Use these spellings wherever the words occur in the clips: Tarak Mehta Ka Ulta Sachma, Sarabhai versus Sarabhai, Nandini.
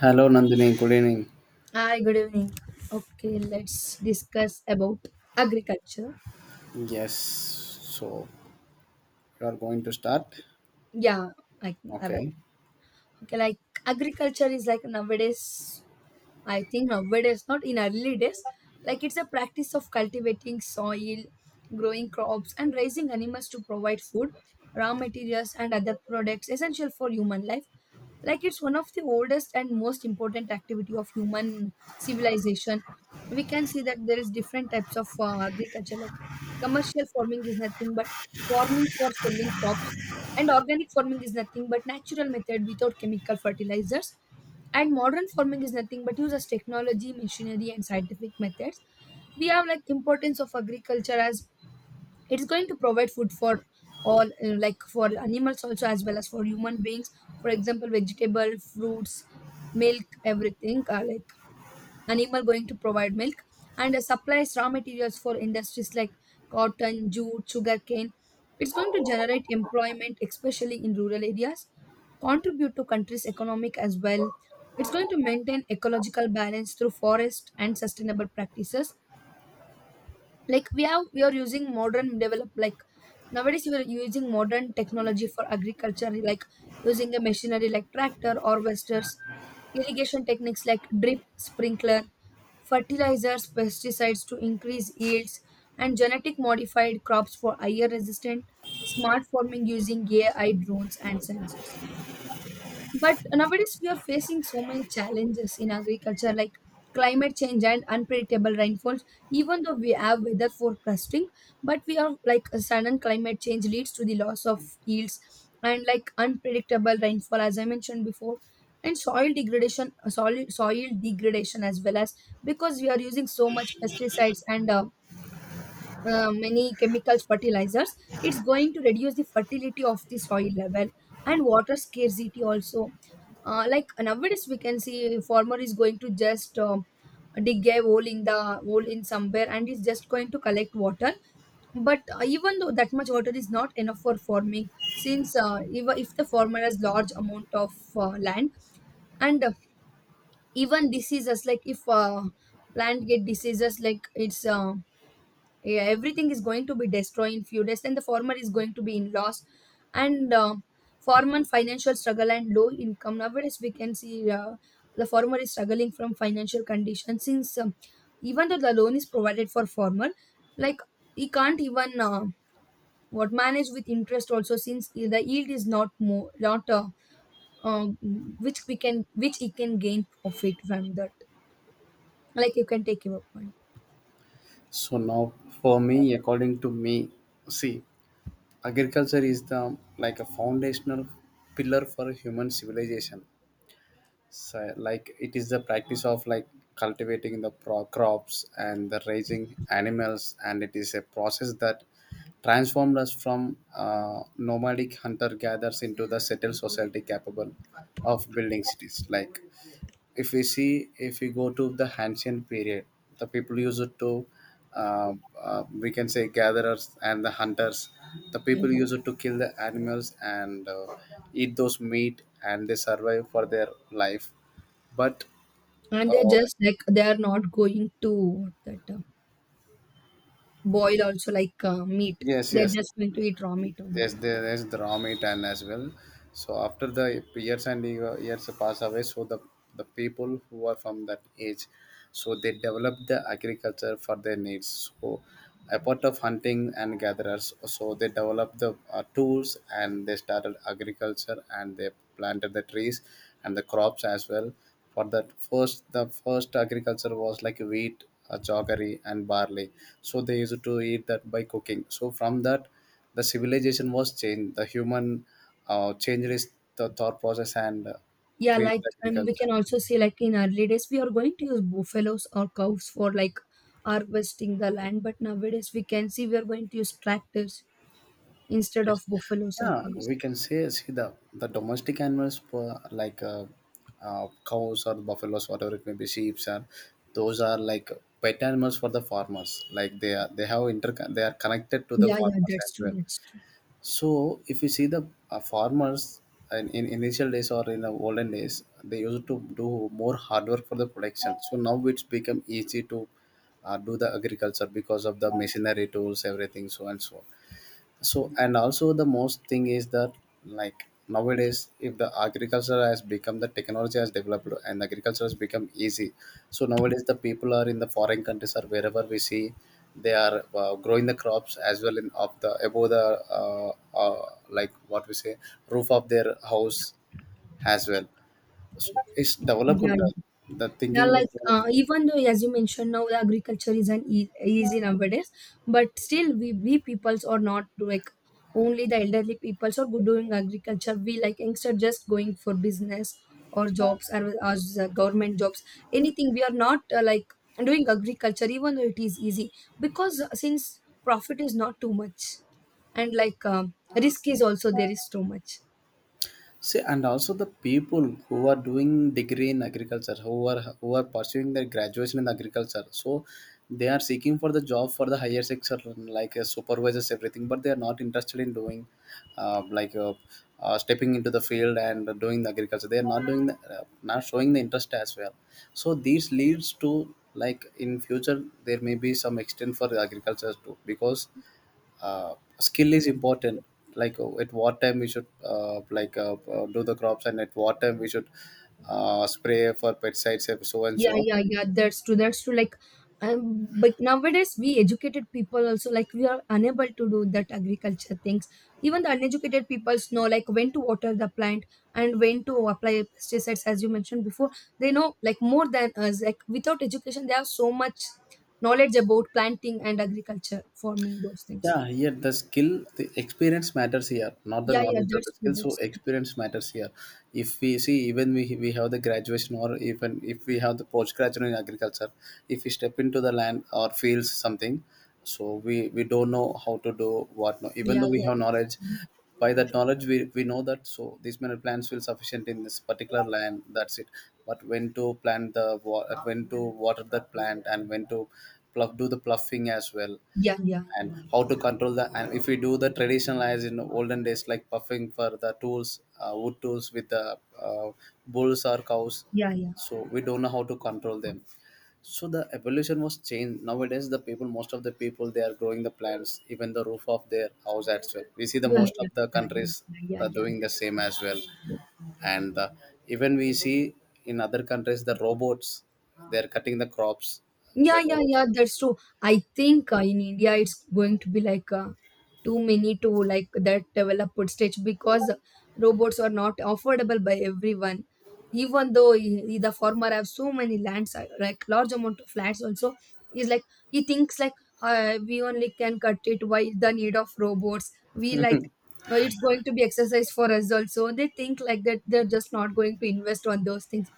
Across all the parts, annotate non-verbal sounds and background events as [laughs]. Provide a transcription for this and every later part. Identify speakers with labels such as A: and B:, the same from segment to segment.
A: Hello, Nandini. Good evening.
B: Hi, good evening. Okay, let's discuss about agriculture.
A: Yes. So you are going to start.
B: Yeah, I can. I will.
A: Okay.
B: Okay, like agriculture is like nowadays, I think nowadays, not in early days, like it's a practice of cultivating soil, growing crops, and raising animals to provide food, raw materials, and other products essential for human life. Like it's one of the oldest and most important activity of human civilization. We can see that there is different types of agriculture. Like commercial farming is nothing but farming for selling crops, and organic farming is nothing but natural method without chemical fertilizers, and modern farming is nothing but use as technology, machinery, and scientific methods. We have like importance of agriculture as it's going to provide food for all, like for animals also as well as for human beings. For example, vegetable, fruits, milk, everything. Like animal going to provide milk, and supplies raw materials for industries like cotton, jute, sugarcane. It's going to generate employment, especially in rural areas, contribute to country's economic as well. It's going to maintain ecological balance through forest and sustainable practices. Like we are using modern develop, like nowadays we are using modern technology for agriculture, like using a machinery like tractor, harvesters, irrigation techniques like drip sprinkler, fertilizers, pesticides to increase yields, and genetic modified crops for higher resistant, smart farming using AI, drones, and sensors. But nowadays, we are facing so many challenges in agriculture, like climate change and unpredictable rainfalls. Even though we have weather forecasting, but we are like a sudden climate change leads to the loss of yields and like unpredictable rainfall, as I mentioned before, and soil degradation, soil degradation as well, as because we are using so much pesticides and many chemical fertilizers, it's going to reduce the fertility of the soil level and water scarcity also. Like nowadays we can see farmer is going to just dig a hole in the hole in somewhere and is just going to collect water, but even though that much water is not enough for farming, since if the farmer has large amount of land and even diseases. Like if plant get diseases, like it's yeah, everything is going to be destroyed in few days, and the farmer is going to be in loss and farmer financial struggle and low income. Nowadays we can see the farmer is struggling from financial condition, since even though the loan is provided for farmer, like he can't even what manage with interest also, since the yield is not more, not uh, which we can, which he can gain profit from that. Like you can take your point.
A: So now for me, according to me, see, agriculture is the like a foundational pillar for human civilization. So like it is the practice of like cultivating the crops and the raising animals, and it is a process that transformed us from nomadic hunter gatherers into the settled society capable of building cities. Like if we see if we go to the ancient period, the people used it to uh, we can say gatherers and the hunters, the people
B: Mm.
A: used it to kill the animals and eat those meat, and they survive for their life, but
B: And they're
A: uh,
B: just like they are not going to that boil also, like meat.
A: yes,
B: They're
A: yes.
B: just going to eat raw meat
A: Yes,
B: only.
A: there is the Rami Tan as well. So after the years and years pass away, so the people who are from that age, so they develop the agriculture for their needs. So apart of hunting and gatherers, so they develop the tools and they started agriculture, and they planted the trees and the crops as well. For that first, the first agriculture was like wheat, jaggery and barley. So they used to eat that by cooking. So from that the civilization was changed, the human changed its the thought process and
B: Yeah, like
A: created
B: we
A: agriculture.
B: can also see like in early days we are going to use buffaloes or cows for like harvesting the land, but nowadays we can see we are going to use tractors instead of
A: Yes.
B: buffaloes or
A: Yeah,
B: cows.
A: we can say, see, the domestic animals were like cows or buffaloes, whatever it may be, sheep or those are like pet animals for the farmers. Like they are connected to the
B: Yeah, yeah,
A: farmers
B: that's
A: as
B: true.
A: well.
B: That's true.
A: So if you see the farmers in initial days or in the olden days, they used to do more hard work for the production. So now it's become easy to do the agriculture because of the machinery tools, everything, so and so. So and also the most thing is that, like, nowadays, if the agriculture has become, the technology has developed and agriculture has become easy, so nowadays the people are in the foreign countries or wherever we see, they are growing the crops as well in of the above the like what we say, roof of their house as well. So it's developed
B: Yeah.
A: the,
B: Yeah,
A: thinking
B: like
A: was developed.
B: even though, as you mentioned, now the agriculture is an easy nowadays, but still we peoples are not like only the elderly peoples are good doing agriculture. We like youngster just going for business or jobs or as government jobs, anything. We are not like doing agriculture, even though it is easy, because since profit is not too much, and like risk is also there is too much.
A: See, and also the people who are doing degree in agriculture, who are pursuing their graduation in agriculture, so they are seeking for the job for the higher sector, like supervisors, everything. But they are not interested in doing, like stepping into the field and doing the agriculture. They are not doing the, not showing the interest as well. So this leads to, like, in future there may be some extent for agriculture too, because uh, skill is important. Like at what time we should like do the crops, and at what time we should spray for pesticides, and so and
B: Yeah,
A: so.
B: yeah, yeah. That's true. That's true. Like, but nowadays we educated people also like we are unable to do that agriculture things. Even the uneducated peoples know like when to water the plant and when to apply pesticides, as you mentioned before. They know like more than us. Like without education, they have so much knowledge about planting and agriculture, forming those things.
A: Yeah, here the skill, the experience matters here, not the
B: Yeah, yeah.
A: knowledge or
B: That's
A: the
B: true.
A: skill. So
B: That's true.
A: experience matters here. If we see, even we have the graduation, or even if we have the postgraduate in agriculture, if we step into the land or fields something, so we don't know how to do what. No, even
B: Yeah,
A: though we
B: yeah.
A: have knowledge, by that knowledge we know that so these many plants will sufficient in this particular land, that's it. But when to plant the when to water that plant, and when to pluff, do the pluffing as well,
B: Yeah, yeah,
A: and how to control the, and if we do the traditional, as in olden days, like puffing for the tools, wood tools, with the uh, bulls or cows,
B: yeah, yeah, yeah,
A: so we don't know how to control them. So the evolution was changed. Nowadays the people, most of the people, they are growing the plants even the roof of their house as well. We see the
B: yeah,
A: most of
B: yeah,
A: the
B: yeah,
A: countries
B: yeah.
A: are
B: Yeah,
A: doing the
B: that's
A: same as well.
B: true.
A: And even we see in other countries the robots, they are cutting the crops.
B: Yeah, yeah,
A: Whenever-
B: yeah, that's true. I think in India it's going to be like too many to like that developed stage, because robots are not affordable by everyone. Even though the farmer have so many lands, like large amount of lands also, he's like he thinks like we only can cut it. Why the need of robots? We like it's going to be exercise for us also. They think like that. They're just not going to invest on those things.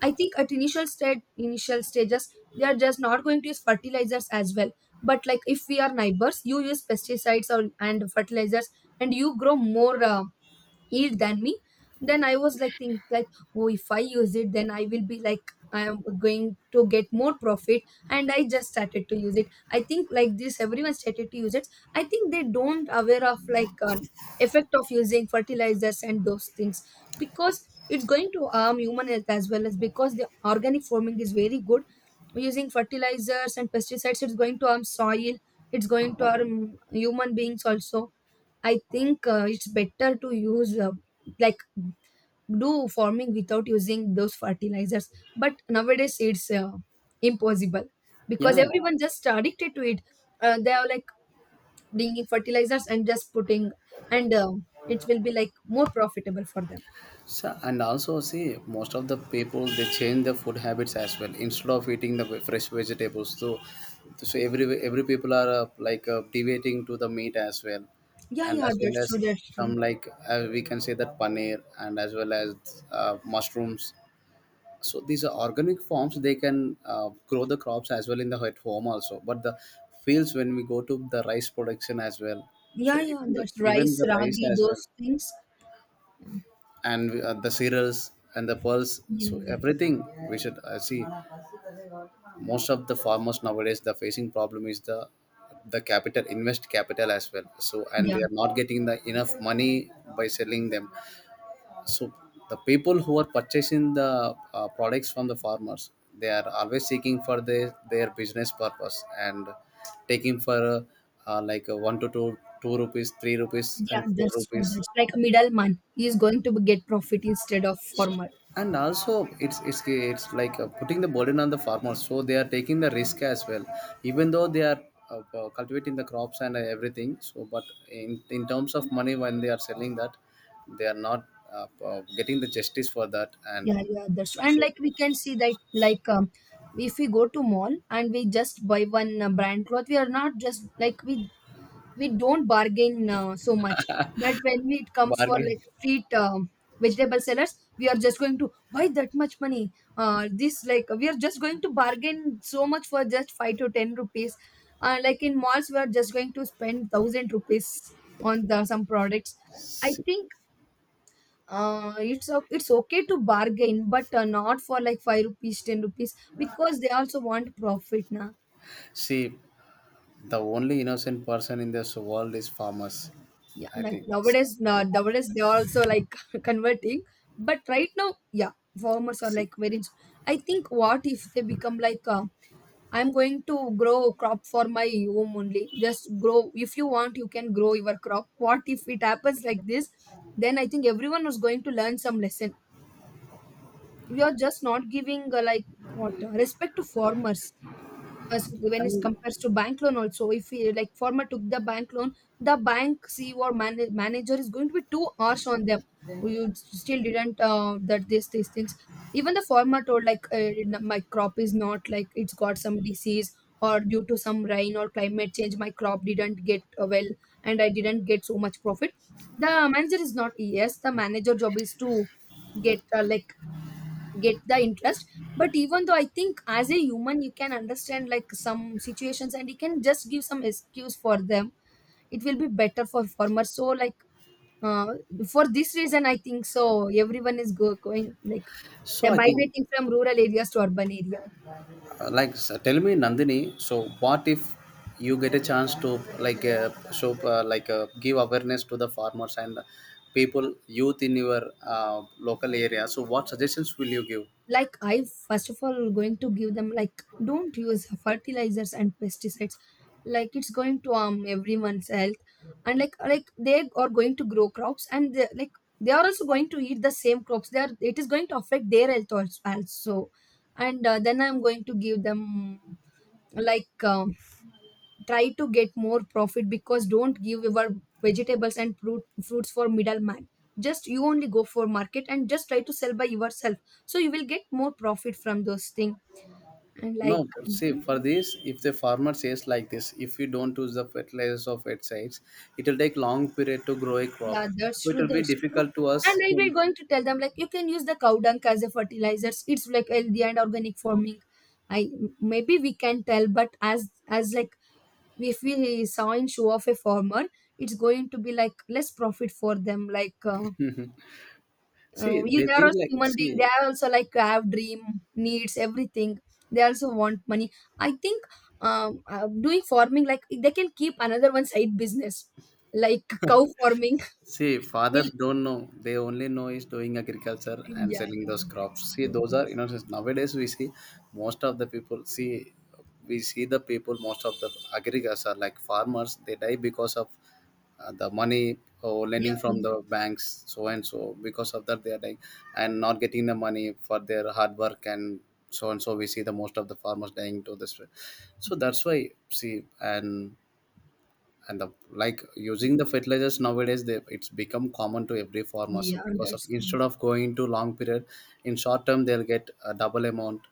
B: I think at initial stage, initial stages they are just not going to use fertilizers as well, but like if we are neighbors you use pesticides or, and fertilizers and you grow more eat than me, then I was like think like, oh, if I use it then I will be like I am going to get more profit, and I just started to use it. I think like this everyone started to use it. I think they don't aware of like effect of using fertilizers and those things, because it's going to harm human health as well, as because the organic farming is very good. Using fertilizers and pesticides it's going to harm soil, it's going to harm human beings also. I think it's better to use like do farming without using those fertilizers. But nowadays it's impossible because
A: yeah.
B: everyone just addicted to it. They are like bringing fertilizers and just putting, and it will be like more profitable for them.
A: So, and also see most of the people they change their food habits as well instead of eating the fresh vegetables, so every people are like deviating to the meat as well,
B: Yeah,
A: and
B: yeah,
A: as
B: that's
A: well
B: true.
A: as
B: That's true.
A: some, like we can say, that paneer, and as well as mushrooms. So these are organic forms, they can grow the crops as well in the at home also, but the fields when we go to the rice production as well,
B: Yeah,
A: so
B: yeah,
A: even the,
B: that's
A: even
B: rice,
A: the rice
B: ragi,
A: as well,
B: those things.
A: and the cereals and the pearls,
B: Yeah,
A: so
B: yeah,
A: everything we should see. Most of the farmers nowadays, the facing problem is the capital, invest capital as well, so and
B: yeah,
A: they are not getting the enough money by selling them. So the people who are purchasing the products from the farmers, they are always seeking for their business purpose, and taking for like 1 to 2, 2 rupees, 3 rupees
B: yeah.
A: and 4
B: That's true.
A: rupees.
B: That's like a middleman. He is going to get profit instead of
A: So
B: farmer.
A: and also, it's it's like putting the burden on the farmers, so they are taking the risk as well, even though they are cultivating the crops and everything. So but in terms of money, when they are selling that, they are not getting the justice for that. And
B: Yeah, yeah, that's true. And
A: so,
B: like we can see that like if we go to mall and we just buy one brand cloth, we are not just like we don't bargain so much, but it comes for
A: bargain,
B: like street vegetable sellers, we are just going to buy that much money. This, like we are just going to bargain so much for just 5 to 10 rupees. Like in malls we are just going to spend 1,000 rupees on the some products. I
A: see.
B: think it's okay to bargain, but not for like 5 rupees, 10 rupees, because they also want profit now.
A: See, the only innocent person in this world is farmers.
B: Yeah,
A: I
B: like
A: think, see,
B: nowadays, nowadays they are also like [laughs] converting, but right now, yeah, farmers are
A: see.
B: like very. I think what if they become like I'm going to grow crop for my home only. Just grow if you want, you can grow your crop. What if it happens like this? Then I think everyone is going to learn some lesson. We are just not giving like what respect to farmers. Because when it compares to bank loan also, if we, like farmer took the bank loan, the bank CEO or manager is going to be too harsh on them. "Oh, you still didn't that this these things." Even the farmer told like "No, my crop is not, like it's got some disease or due to some rain or climate change my crop didn't get well, and I didn't get so much profit." The manager is not, yes the manager job is to get like get the interest, but even though I think as a human you can understand like some situations and you can just give some excuse for them, it will be better for farmers. So like uh, for this reason I think so everyone is going like
A: So
B: they're
A: I think,
B: migrating from rural areas to urban areas.
A: Like s tell me, Nandini. So what if you get a chance to, like, show, like, give awareness to the farmers and people, youth in your uh, local area? So what suggestions will you give?
B: Like I first of all going to give them like don't use fertilizers and pesticides, like it's going to harm everyone's health, and like they are going to grow crops and they, like they are also going to eat the same crops, they are, it is going to affect their health also. And then I'm going to give them like try to get more profit, because don't give your vegetables and fruits for middleman, just you only go for market and just try to sell by yourself, so you will get more profit from those things. And
A: No,
B: like
A: see,
B: Mhm.
A: for this, if the farmer says like this, if you don't use the fertilizers or pesticides, it will take long period to grow a crop.
B: Yeah, that's
A: So it
B: true,
A: will be
B: that's true.
A: difficult to us
B: And I
A: to
B: will going to tell them like you can use the cow dung as a fertilizers, it's like healthy and organic farming. I, maybe we can tell but as like, if we saw in show of a farmer, it's going to be like less profit for them, like
A: see.
B: you,
A: They
B: they are
A: think
B: also
A: like,
B: human being,
A: see.
B: they are also like have dream, needs everything, they also want money. I think doing farming like they can keep another one side business, like cow
A: [laughs]
B: farming.
A: See,
B: [laughs]
A: fathers
B: Milk.
A: don't know. They only know is doing agriculture and
B: Yeah,
A: selling
B: yeah,
A: those
B: that's
A: crops. See,
B: true,
A: those are,
B: that's,
A: since nowadays we see most of the people, see, we see the people, most of the agriculture, like, farmers, they die because of the money or
B: yeah.
A: lending
B: Yeah,
A: from the banks, so and so. Because of that they are dying and not getting the money for their hard work, and so we see the most of the farmers dying to this. So that's why, see, and and the, like, using the fertilizers nowadays, it's become common to every farmer.
B: yeah,
A: So because of,
B: that's true.
A: instead of going to long period, in short term they'll get a double amount,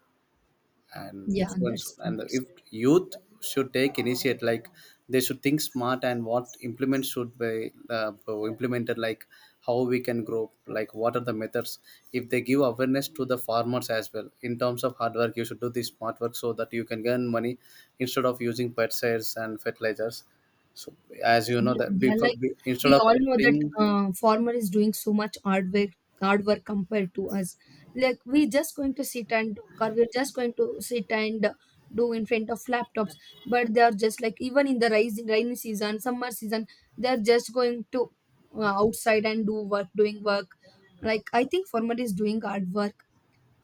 A: and
B: Yeah,
A: so and so.
B: that's true,
A: And
B: that's.
A: if youth should take initiate, like, they should think smart, and what implements should be implemented, like how we can grow, like what are the methods. If they give awareness to the farmers as well, in terms of hard work you should do this smart work, so that you can earn money instead of using pesticides and fertilizers. So, as you know,
B: Yeah,
A: that
B: yeah,
A: before,
B: like
A: instead
B: we
A: of
B: all know that
A: plucking,
B: farmer is doing so much hard work compared to us. Like we just going to sit and talk, or we're just going to sit and do in front of laptops. But they are just like even in the rising rainy season, summer season, they are just going to outside and do work, doing work. Like I think farmer is doing hard work.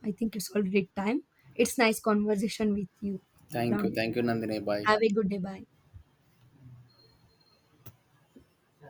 B: I think it's already time. It's nice conversation with you.
A: thank you,
B: Ram.
A: thank you, Nandini. Bye.
B: Have a good day. Bye.